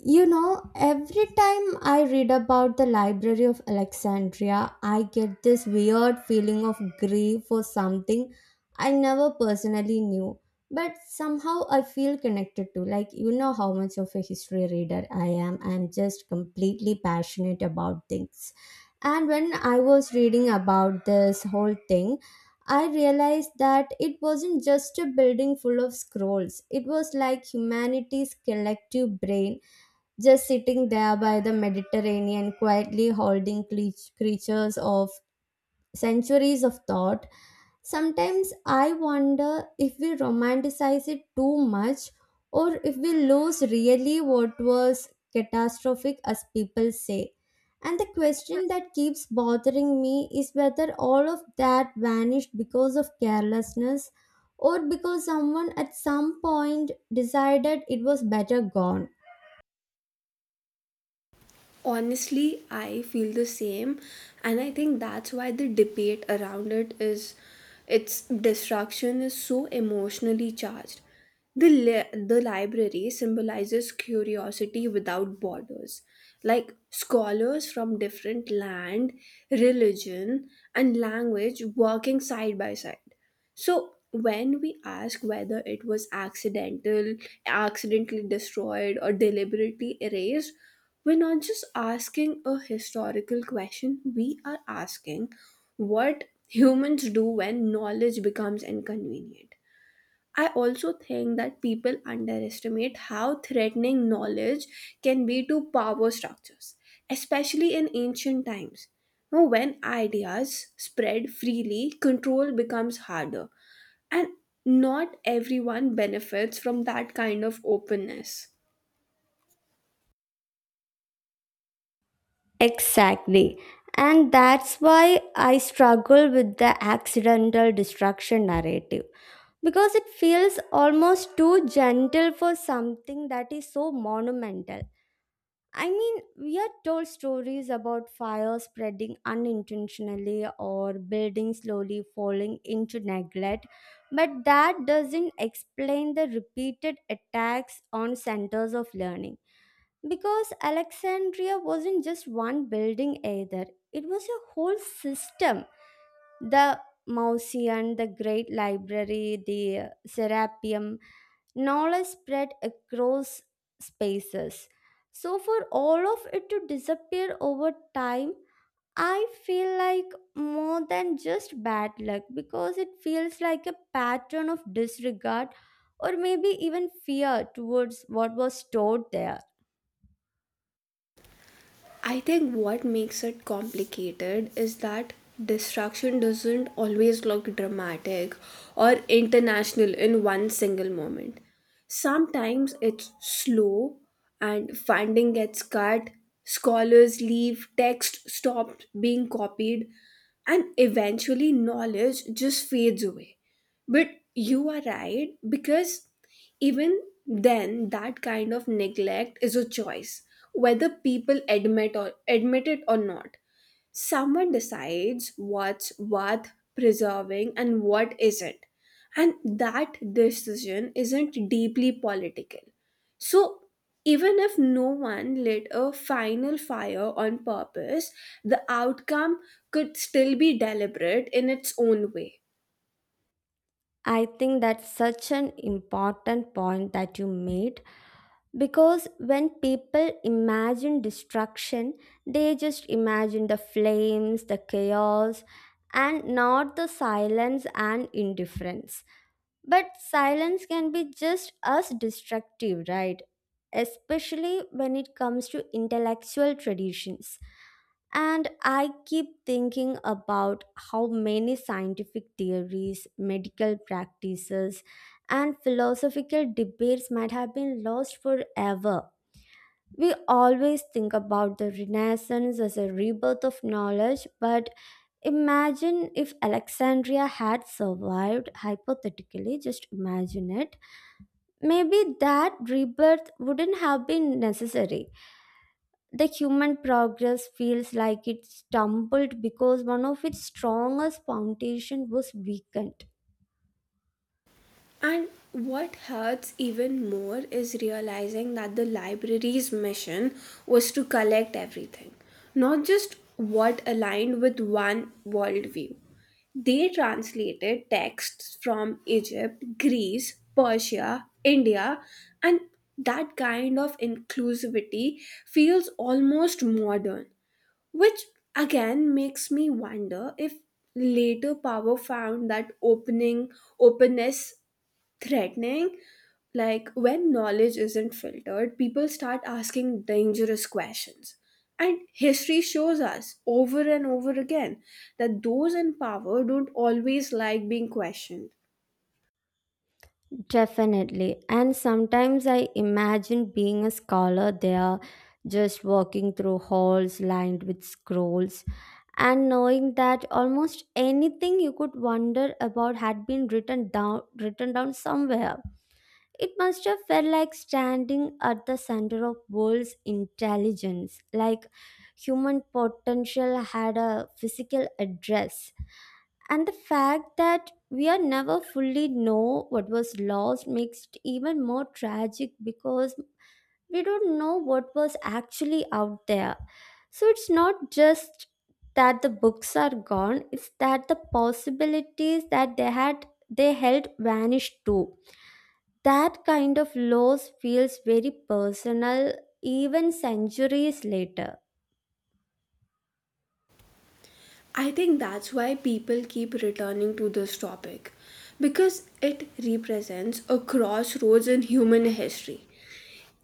You know, every time I read about the Library of Alexandria, I get this weird feeling of grief for something I never personally knew, but somehow I feel connected to. Like, you know how much of a history reader I am. I'm just completely passionate about things. And when I was reading about this whole thing, I realized that it wasn't just a building full of scrolls. It was like humanity's collective brain just sitting there by the Mediterranean, quietly holding creatures of centuries of thought. Sometimes I wonder if we romanticize it too much or if we lose really what was catastrophic, as people say. And the question that keeps bothering me is whether all of that vanished because of carelessness or because someone at some point decided it was better gone. Honestly, I feel the same, and I think that's why the debate around it is its destruction is so emotionally charged. The library symbolizes curiosity without borders, like scholars from different land, religion, and language working side by side. So when we ask whether it was accidentally destroyed or deliberately erased, we're not just asking a historical question, we are asking what humans do when knowledge becomes inconvenient. I also think that people underestimate how threatening knowledge can be to power structures, especially in ancient times. Now, when ideas spread freely, control becomes harder, and not everyone benefits from that kind of openness. Exactly. And that's why I struggle with the accidental destruction narrative because it feels almost too gentle for something that is so monumental. I mean, we are told stories about fire spreading unintentionally or buildings slowly falling into neglect, but that doesn't explain the repeated attacks on centers of learning. Because Alexandria wasn't just one building either, it was a whole system. The Mausoleum, the Great Library, the Serapeum, knowledge spread across spaces. So, for all of it to disappear over time, I feel like more than just bad luck because it feels like a pattern of disregard or maybe even fear towards what was stored there. I think what makes it complicated is that destruction doesn't always look dramatic or international in one single moment. Sometimes it's slow, and funding gets cut, scholars leave, text stops being copied, and eventually knowledge just fades away. But you are right, because even then that kind of neglect is a choice, whether people admit it or not. Someone decides what's worth preserving and what isn't. And that decision isn't deeply political. So even if no one lit a final fire on purpose, the outcome could still be deliberate in its own way. I think that's such an important point that you made because when people imagine destruction, they just imagine the flames, the chaos, and not the silence and indifference. But silence can be just as destructive, right? Especially when it comes to intellectual traditions. And I keep thinking about how many scientific theories, medical practices, and philosophical debates might have been lost forever. We always think about the Renaissance as a rebirth of knowledge, but imagine if Alexandria had survived, hypothetically, just imagine it. Maybe that rebirth wouldn't have been necessary. The human progress feels like it stumbled because one of its strongest foundations was weakened. And what hurts even more is realizing that the library's mission was to collect everything, not just what aligned with one worldview. They translated texts from Egypt, Greece, Persia, India, and that kind of inclusivity feels almost modern, which again makes me wonder if later power found that opening openness threatening. Like, when knowledge isn't filtered, people start asking dangerous questions, and history shows us over and over again that those in power don't always like being questioned. Definitely. And sometimes I imagine being a scholar there, just walking through halls lined with scrolls, and knowing that almost anything you could wonder about had been written down somewhere. It must have felt like standing at the center of world's intelligence, like human potential had a physical address. And the fact that we are never fully know what was lost makes it even more tragic because we don't know what was actually out there. So it's not just that the books are gone, it's that the possibilities that they held vanished too. That kind of loss feels very personal even centuries later. I think that's why people keep returning to this topic, because it represents a crossroads in human history.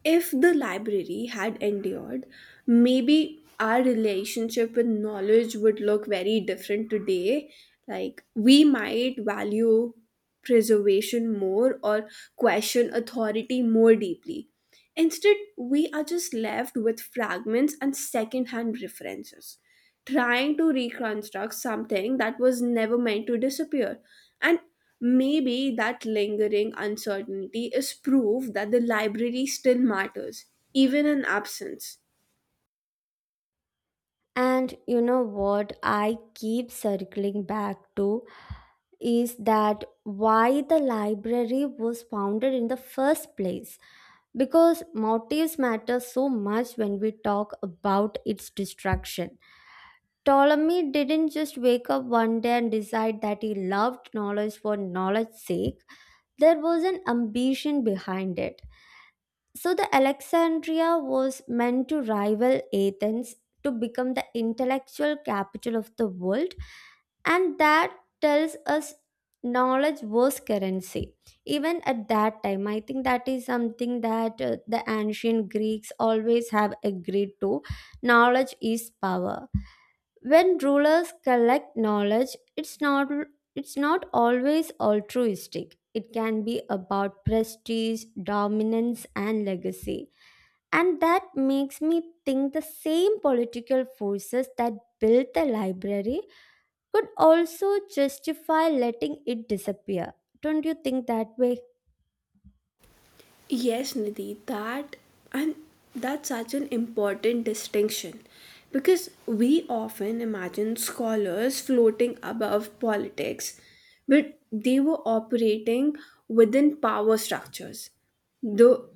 If the library had endured, maybe our relationship with knowledge would look very different today. Like, we might value preservation more or question authority more deeply. Instead, we are just left with fragments and secondhand references, trying to reconstruct something that was never meant to disappear. And maybe that lingering uncertainty is proof that the library still matters, even in absence. And you know what? I keep circling back to: is that why the library was founded in the first place, because motives matter so much when we talk about its destruction. Ptolemy didn't just wake up one day and decide that he loved knowledge for knowledge's sake. There was an ambition behind it. So the Alexandria was meant to rival Athens, to become the intellectual capital of the world, and that tells us knowledge was currency even at that time. I think that is something that the ancient Greeks always have agreed to. Knowledge is power. When rulers collect knowledge, it's not always altruistic. It can be about prestige, dominance and legacy. And that makes me think the same political forces that built the library could also justify letting it disappear. Don't you think that way? Yes, Nidhi, and that's such an important distinction, because we often imagine scholars floating above politics, but they were operating within power structures. The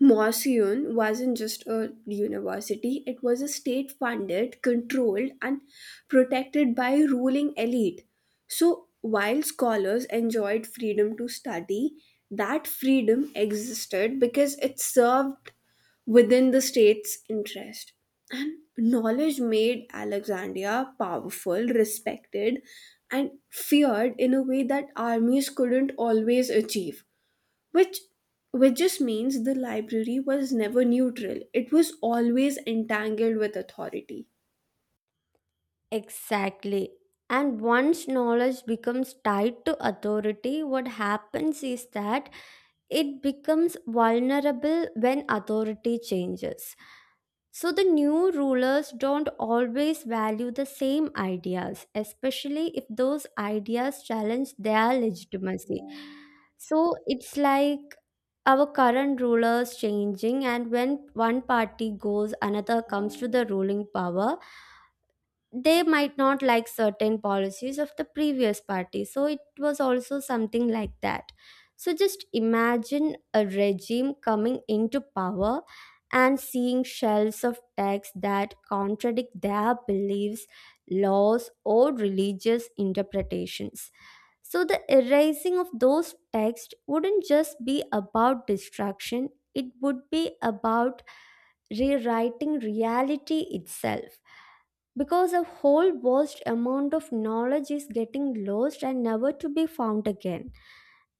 Morseon wasn't just a university, it was a state funded, controlled, and protected by a ruling elite. So, while scholars enjoyed freedom to study, that freedom existed because it served within the state's interest. And knowledge made Alexandria powerful, respected, and feared in a way that armies couldn't always achieve, which which just means the library was never neutral, it was always entangled with authority. Exactly. And once knowledge becomes tied to authority, what happens is that it becomes vulnerable when authority changes. So the new rulers don't always value the same ideas, especially if those ideas challenge their legitimacy. So it's like our current rulers changing, and when one party goes, another comes to the ruling power. They might not like certain policies of the previous party. So it was also something like that. So just imagine a regime coming into power and seeing shelves of texts that contradict their beliefs, laws, or religious interpretations. So the erasing of those texts wouldn't just be about destruction, it would be about rewriting reality itself, because a whole vast amount of knowledge is getting lost and never to be found again.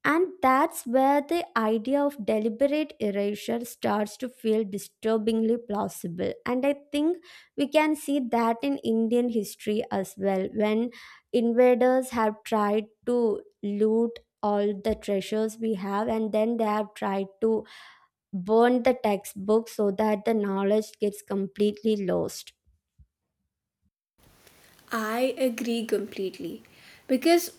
And that's where the idea of deliberate erasure starts to feel disturbingly plausible. And I think we can see that in Indian history as well, when invaders have tried to loot all the treasures we have and then they have tried to burn the textbooks so that the knowledge gets completely lost. I agree completely. Because,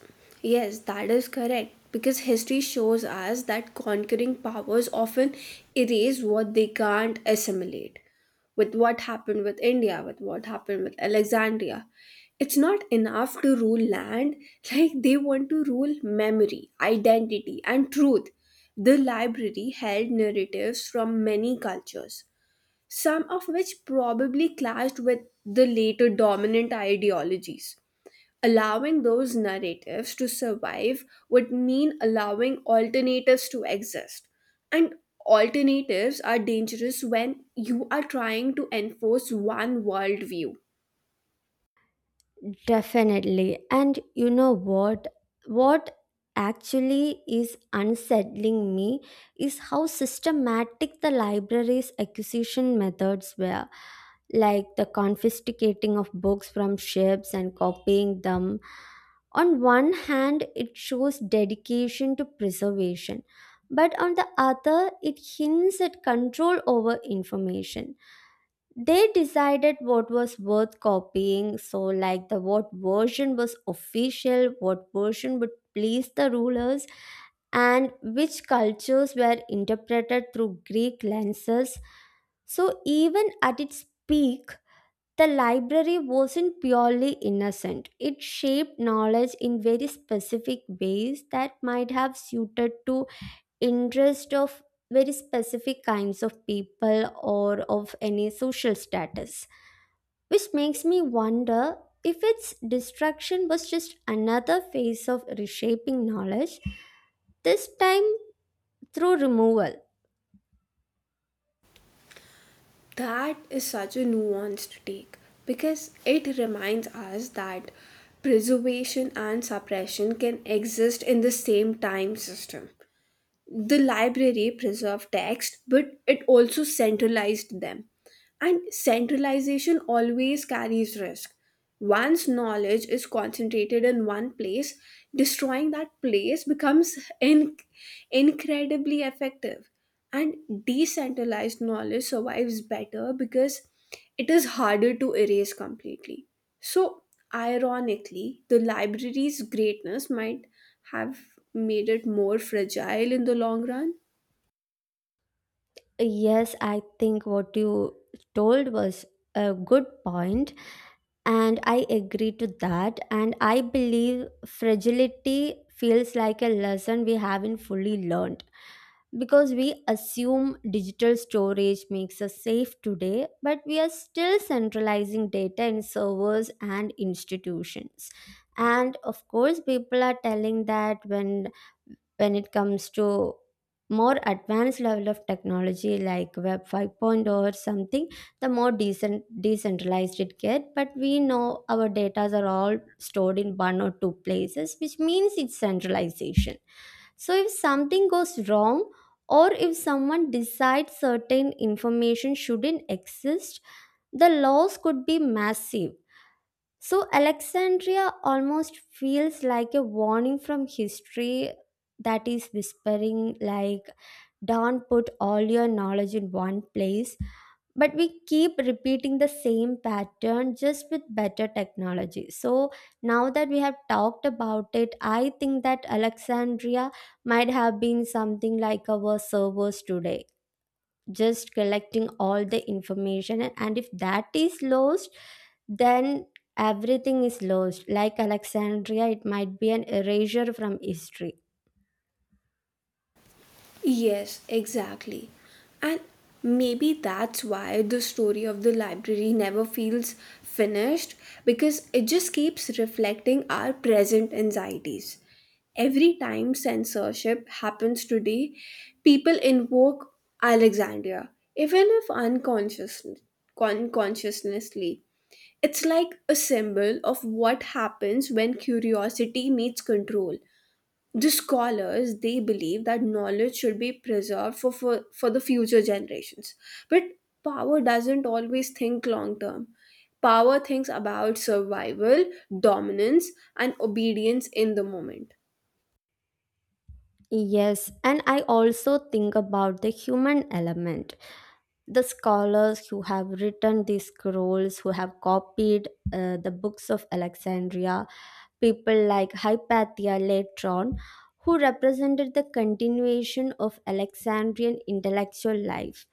yes, that is correct. Because history shows us that conquering powers often erase what they can't assimilate. With what happened with India, with what happened with Alexandria. It's not enough to rule land, like, they want to rule memory, identity, and truth. The library held narratives from many cultures, some of which probably clashed with the later dominant ideologies. Allowing those narratives to survive would mean allowing alternatives to exist. And alternatives are dangerous when you are trying to enforce one worldview. Definitely. And you know what? What actually is unsettling me is how systematic the library's acquisition methods were. Like the confiscating of books from ships and copying them. On one hand, it shows dedication to preservation, but on the other, it hints at control over information. They decided what was worth copying, so like the what version was official, what version would please the rulers, and which cultures were interpreted through Greek lenses. So even at its peak, the library wasn't purely innocent. It shaped knowledge in very specific ways that might have suited to interest of very specific kinds of people or of any social status, which makes me wonder if its destruction was just another phase of reshaping knowledge, this time through removal. That is such a nuanced take, because it reminds us that preservation and suppression can exist in the same time system. The library preserved text, but it also centralized them. And centralization always carries risk. Once knowledge is concentrated in one place, destroying that place becomes incredibly effective. And decentralized knowledge survives better, because it is harder to erase completely. So, ironically, the library's greatness might have made it more fragile in the long run. Yes, I think what you told was a good point, and I agree to that, and I believe fragility feels like a lesson we haven't fully learned because we assume digital storage makes us safe today, but we are still centralizing data in servers and institutions. And of course, people are telling that when it comes to more advanced level of technology like web 5.0 or something, the more decentralized it get, but we know our data are all stored in one or two places, which means it's centralization. So if something goes wrong or if someone decides certain information shouldn't exist, the loss could be massive. So, Alexandria almost feels like a warning from history that is whispering, like, don't put all your knowledge in one place. But we keep repeating the same pattern just with better technology. So, now that we have talked about it, I think that Alexandria might have been something like our servers today, just collecting all the information, and, if that is lost, then everything is lost. Like Alexandria, it might be an erasure from history. Yes, exactly. And maybe that's why the story of the library never feels finished, because it just keeps reflecting our present anxieties. Every time censorship happens today, people invoke Alexandria, even if unconsciously. Unconsciously, it's like a symbol of what happens when curiosity meets control. The scholars, they believe that knowledge should be preserved for the future generations, but power doesn't always think long term. Power thinks about survival, dominance, and obedience in the moment. Yes, and I also think about the human element, the scholars who have written these scrolls, who have copied the books of Alexandria, people like Hypatia later on, who represented the continuation of Alexandrian intellectual life.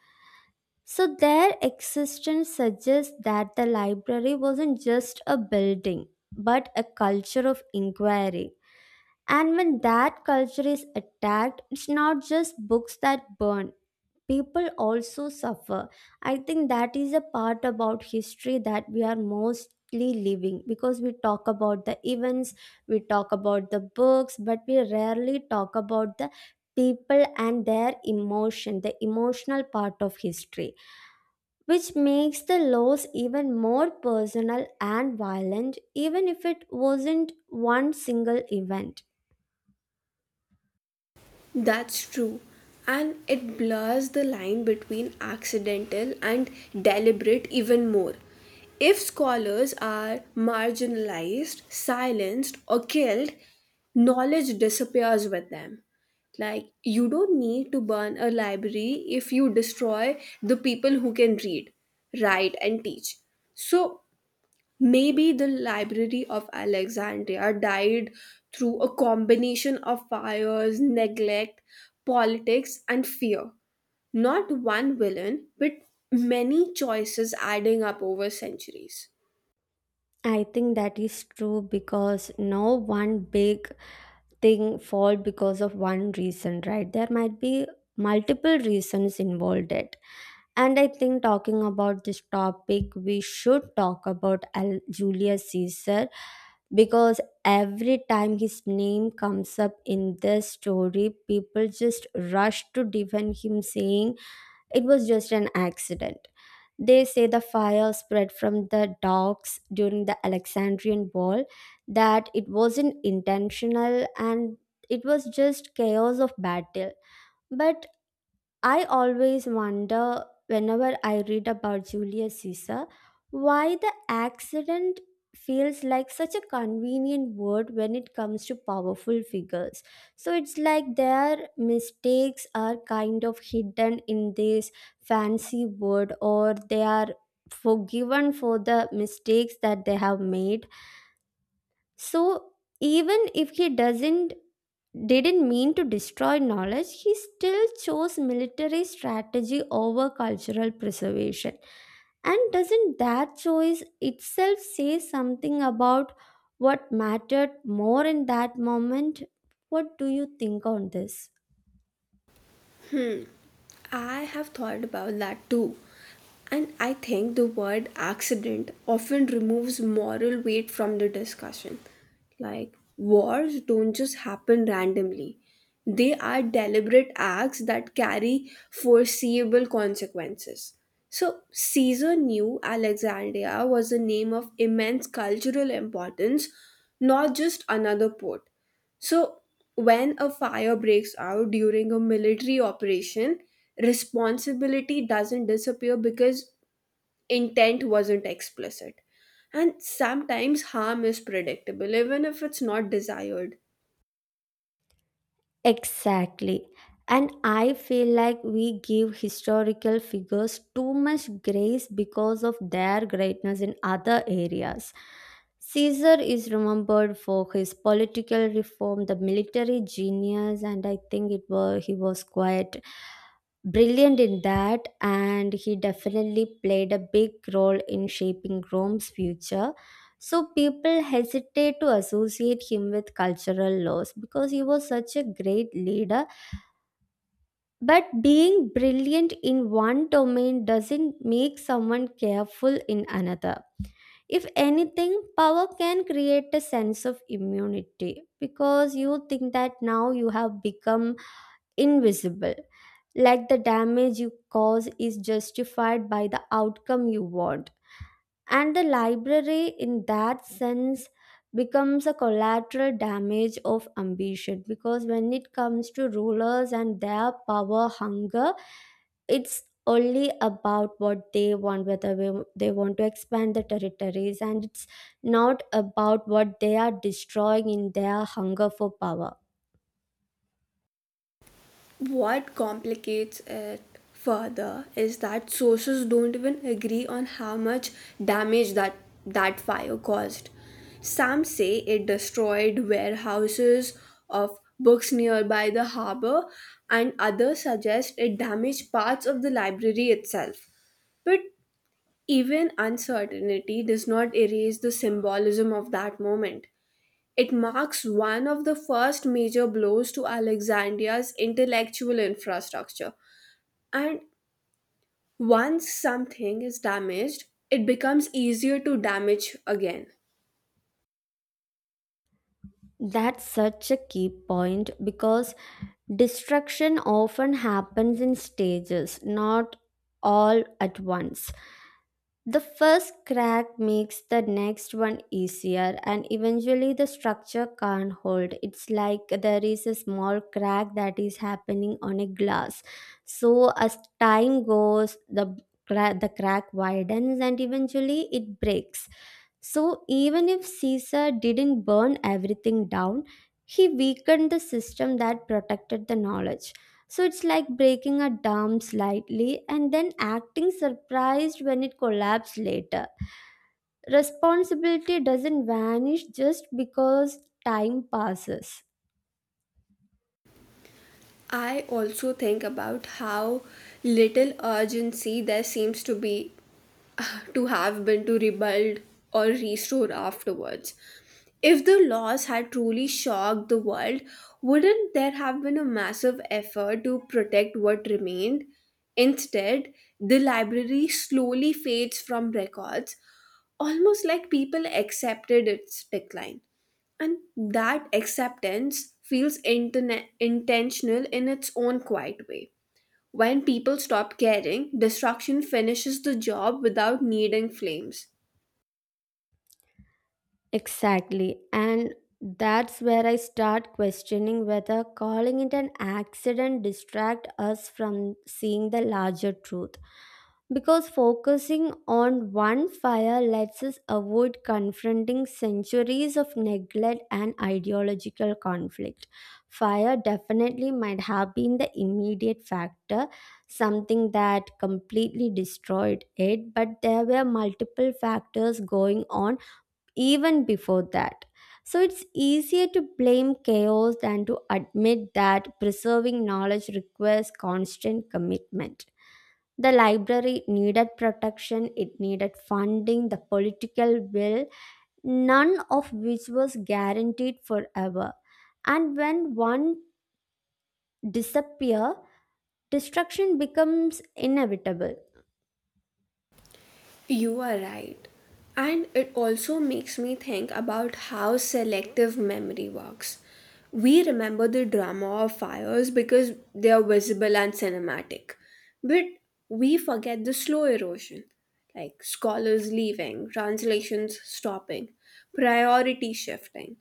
So, their existence suggests that the library wasn't just a building, but a culture of inquiry. And when that culture is attacked, it's not just books that burn, people also suffer. I think that is a part about history that we are mostly living because we talk about the events, we talk about the books, but we rarely talk about the people and their emotion, the emotional part of history, which makes the loss even more personal and violent, even if it wasn't one single event. That's true. And it blurs the line between accidental and deliberate even more. If scholars are marginalized, silenced, or killed, knowledge disappears with them. Like, you don't need to burn a library if you destroy the people who can read, write, and teach. So, maybe the Library of Alexandria died through a combination of fires, neglect, politics, and fear. Not one villain, but many choices adding up over centuries. I think that is true because no one big thing fall because of one reason, right? There might be multiple reasons involved it. And I think talking about this topic, we should talk about Julius Caesar because every time his name comes up in this story, people just rush to defend him, saying it was just an accident. They say the fire spread from the docks during the Alexandrian Wall, that it wasn't intentional and it was just chaos of battle. But I always wonder whenever I read about Julius Caesar why the accident feels like such a convenient word when it comes to powerful figures. So it's like their mistakes are kind of hidden in this fancy word, or they are forgiven for the mistakes that they have made. So, even if he doesn't didn't mean to destroy knowledge, he still chose military strategy over cultural preservation. And doesn't that choice itself say something about what mattered more in that moment? What do you think on this? I have thought about that too. And I think the word accident often removes moral weight from the discussion. Like, wars don't just happen randomly, they are deliberate acts that carry foreseeable consequences. So, Caesar knew Alexandria was a name of immense cultural importance, not just another port. So, when a fire breaks out during a military operation, responsibility doesn't disappear because intent wasn't explicit. And sometimes harm is predictable, even if it's not desired. Exactly. And I feel like we give historical figures too much grace because of their greatness in other areas. Caesar is remembered for his political reform, the military genius, and I think it was he was quite brilliant in that, and he definitely played a big role in shaping Rome's future. So people hesitate to associate him with cultural loss because he was such a great leader. But being brilliant in one domain doesn't make someone careful in another. If anything, power can create a sense of immunity because you think that now you have become invisible. Like the damage you cause is justified by the outcome you want, and the library in that sense becomes a collateral damage of ambition. Because when it comes to rulers and their power hunger, it's only about what they want, whether they want to expand the territories, and it's not about what they are destroying in their hunger for power. What complicates it further is that sources don't even agree on how much damage that fire caused. Some say it destroyed warehouses of books nearby the harbor, and others suggest it damaged parts of the library itself. But even uncertainty does not erase the symbolism of that moment. It marks one of the first major blows to Alexandria's intellectual infrastructure. And once something is damaged, it becomes easier to damage again. That's such a key point because destruction often happens in stages, not all at once. The first crack makes the next one easier, and eventually the structure can't hold. It's like there is a small crack that is happening on a glass. So as time goes, the the crack widens and eventually it breaks. So even if Caesar didn't burn everything down, he weakened the system that protected the knowledge. So it's like breaking a dam slightly and then acting surprised when it collapsed later. Responsibility doesn't vanish just because time passes. I also think about how little urgency there seems to be to have been to rebuild or restore afterwards. If the laws had truly shocked the world, wouldn't there have been a massive effort to protect what remained? Instead, the library slowly fades from records, almost like people accepted its decline. And that acceptance feels intentional in its own quiet way. When people stop caring, destruction finishes the job without needing flames. Exactly. And that's where I start questioning whether calling it an accident distract us from seeing the larger truth. Because focusing on one fire lets us avoid confronting centuries of neglect and ideological conflict. Fire definitely might have been the immediate factor, something that completely destroyed it, but there were multiple factors going on even before that. So it's easier to blame chaos than to admit that preserving knowledge requires constant commitment. The library needed protection, it needed funding, the political will, none of which was guaranteed forever. And when one disappear, destruction becomes inevitable. You are right. And it also makes me think about how selective memory works. We remember the drama of fires because they are visible and cinematic, but we forget the slow erosion, like scholars leaving, translations stopping, priority shifting.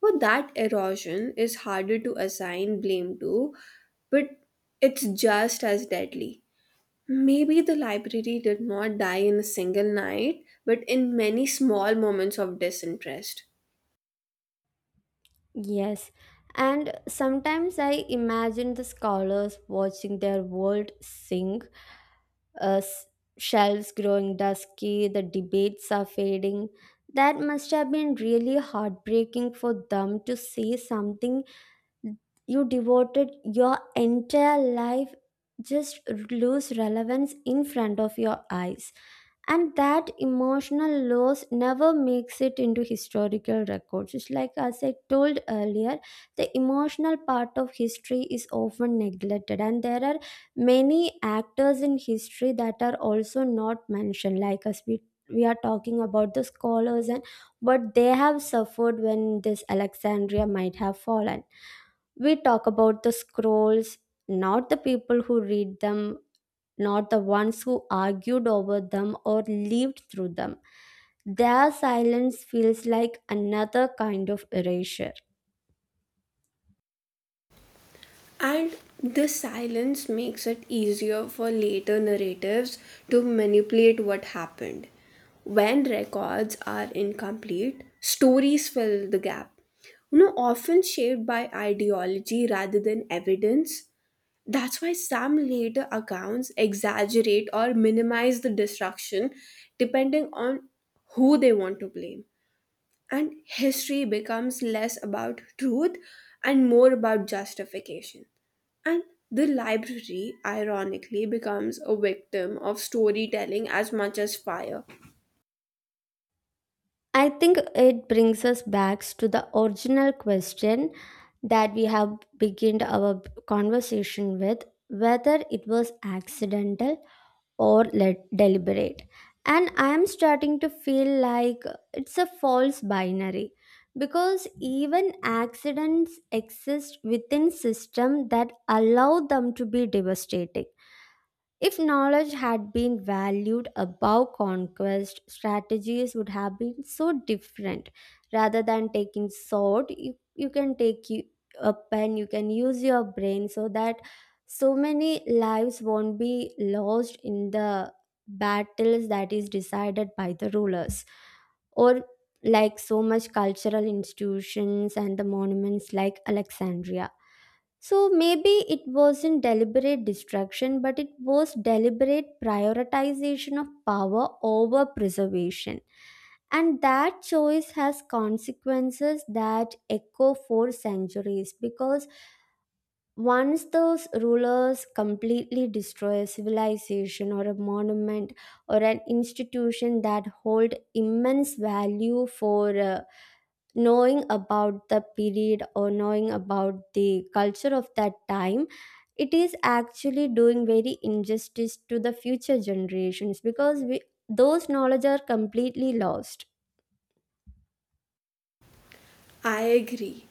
Well, that erosion is harder to assign blame to, but it's just as deadly. Maybe the library did not die in a single night, but in many small moments of disinterest. Yes. And sometimes I imagine the scholars watching their world sink, uh, s- shelves growing dusky, the debates are fading. That must have been really heartbreaking for them, to see something you devoted your entire life just lose relevance in front of your eyes. And that emotional loss never makes it into historical records. It's like, as I told earlier, the emotional part of history is often neglected, and there are many actors in history that are also not mentioned. Like, as we are talking about the scholars and what they have suffered when this Alexandria might have fallen, we talk about the scrolls, not the people who read them, not the ones who argued over them or lived through them. Their silence feels like another kind of erasure. And the silence makes it easier for later narratives to manipulate what happened. When records are incomplete, stories fill the gap. You know, often shaped by ideology rather than evidence. That's why some later accounts exaggerate or minimize the destruction depending on who they want to blame. And history becomes less about truth and more about justification. And the library, ironically, becomes a victim of storytelling as much as fire. I think it brings us back to the original question that we have begun our conversation with, whether it was accidental or let deliberate. And I am starting to feel like it's a false binary, because even accidents exist within system that allow them to be devastating. If knowledge had been valued above conquest, strategies would have been so different. Rather than taking sword, you can take a pen, you can use your brain, so that so many lives won't be lost in the battles that is decided by the rulers. Or like so much cultural institutions and the monuments like Alexandria. So maybe it wasn't deliberate distraction, but it was deliberate prioritization of power over preservation. And that choice has consequences that echo for centuries, because once those rulers completely destroy a civilization or a monument or an institution that hold immense value for knowing about the period or knowing about the culture of that time, it is actually doing very injustice to the future generations, because we, those knowledge are completely lost. I agree.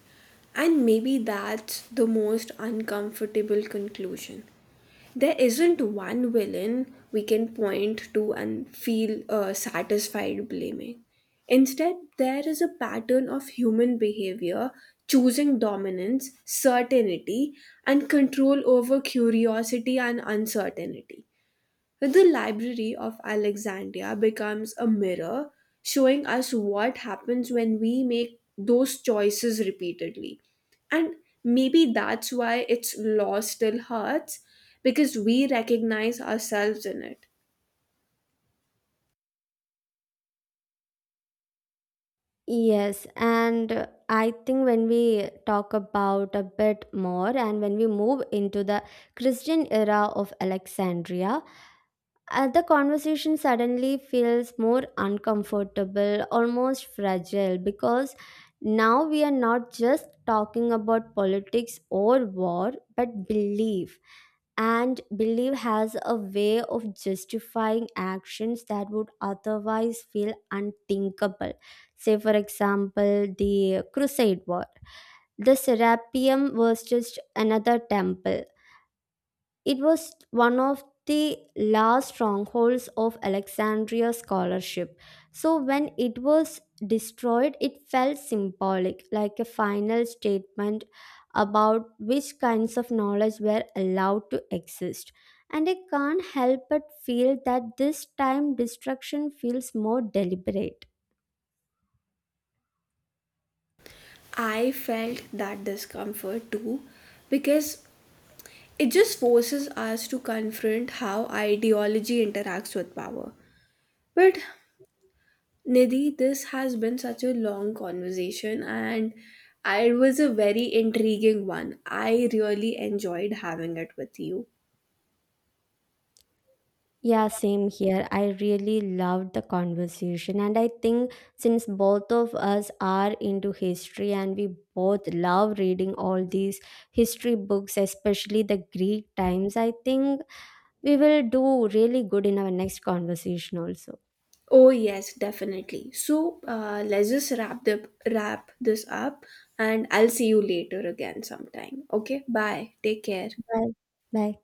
And maybe that's the most uncomfortable conclusion. There isn't one villain we can point to and feel satisfied blaming. Instead, there is a pattern of human behavior choosing dominance, certainty, and control over curiosity and uncertainty. The Library of Alexandria becomes a mirror showing us what happens when we make those choices repeatedly. And maybe that's why it's law still hurts, because we recognize ourselves in it. Yes, and I think when we talk about a bit more and when we move into the Christian era of Alexandria, the conversation suddenly feels more uncomfortable, almost fragile, because now we are not just talking about politics or war, but belief. And belief has a way of justifying actions that would otherwise feel unthinkable. Say, for example, the Crusade War. The Serapeum was just another temple, it was one of the last strongholds of Alexandria scholarship. So when it was destroyed, it felt symbolic, like a final statement about which kinds of knowledge were allowed to exist. And I can't help but feel that this time destruction feels more deliberate. I felt that discomfort too, because it just forces us to confront how ideology interacts with power. But Nidhi, this has been such a long conversation, and it was a very intriguing one. I really enjoyed having it with you. Yeah, same here. I really loved the conversation. And I think, since both of us are into history and we both love reading all these history books, especially the Greek times, I think we will do really good in our next conversation also. Oh yes, definitely. So let's just wrap this up, and I'll see you later again sometime. Okay, bye. Take care. Bye. Bye.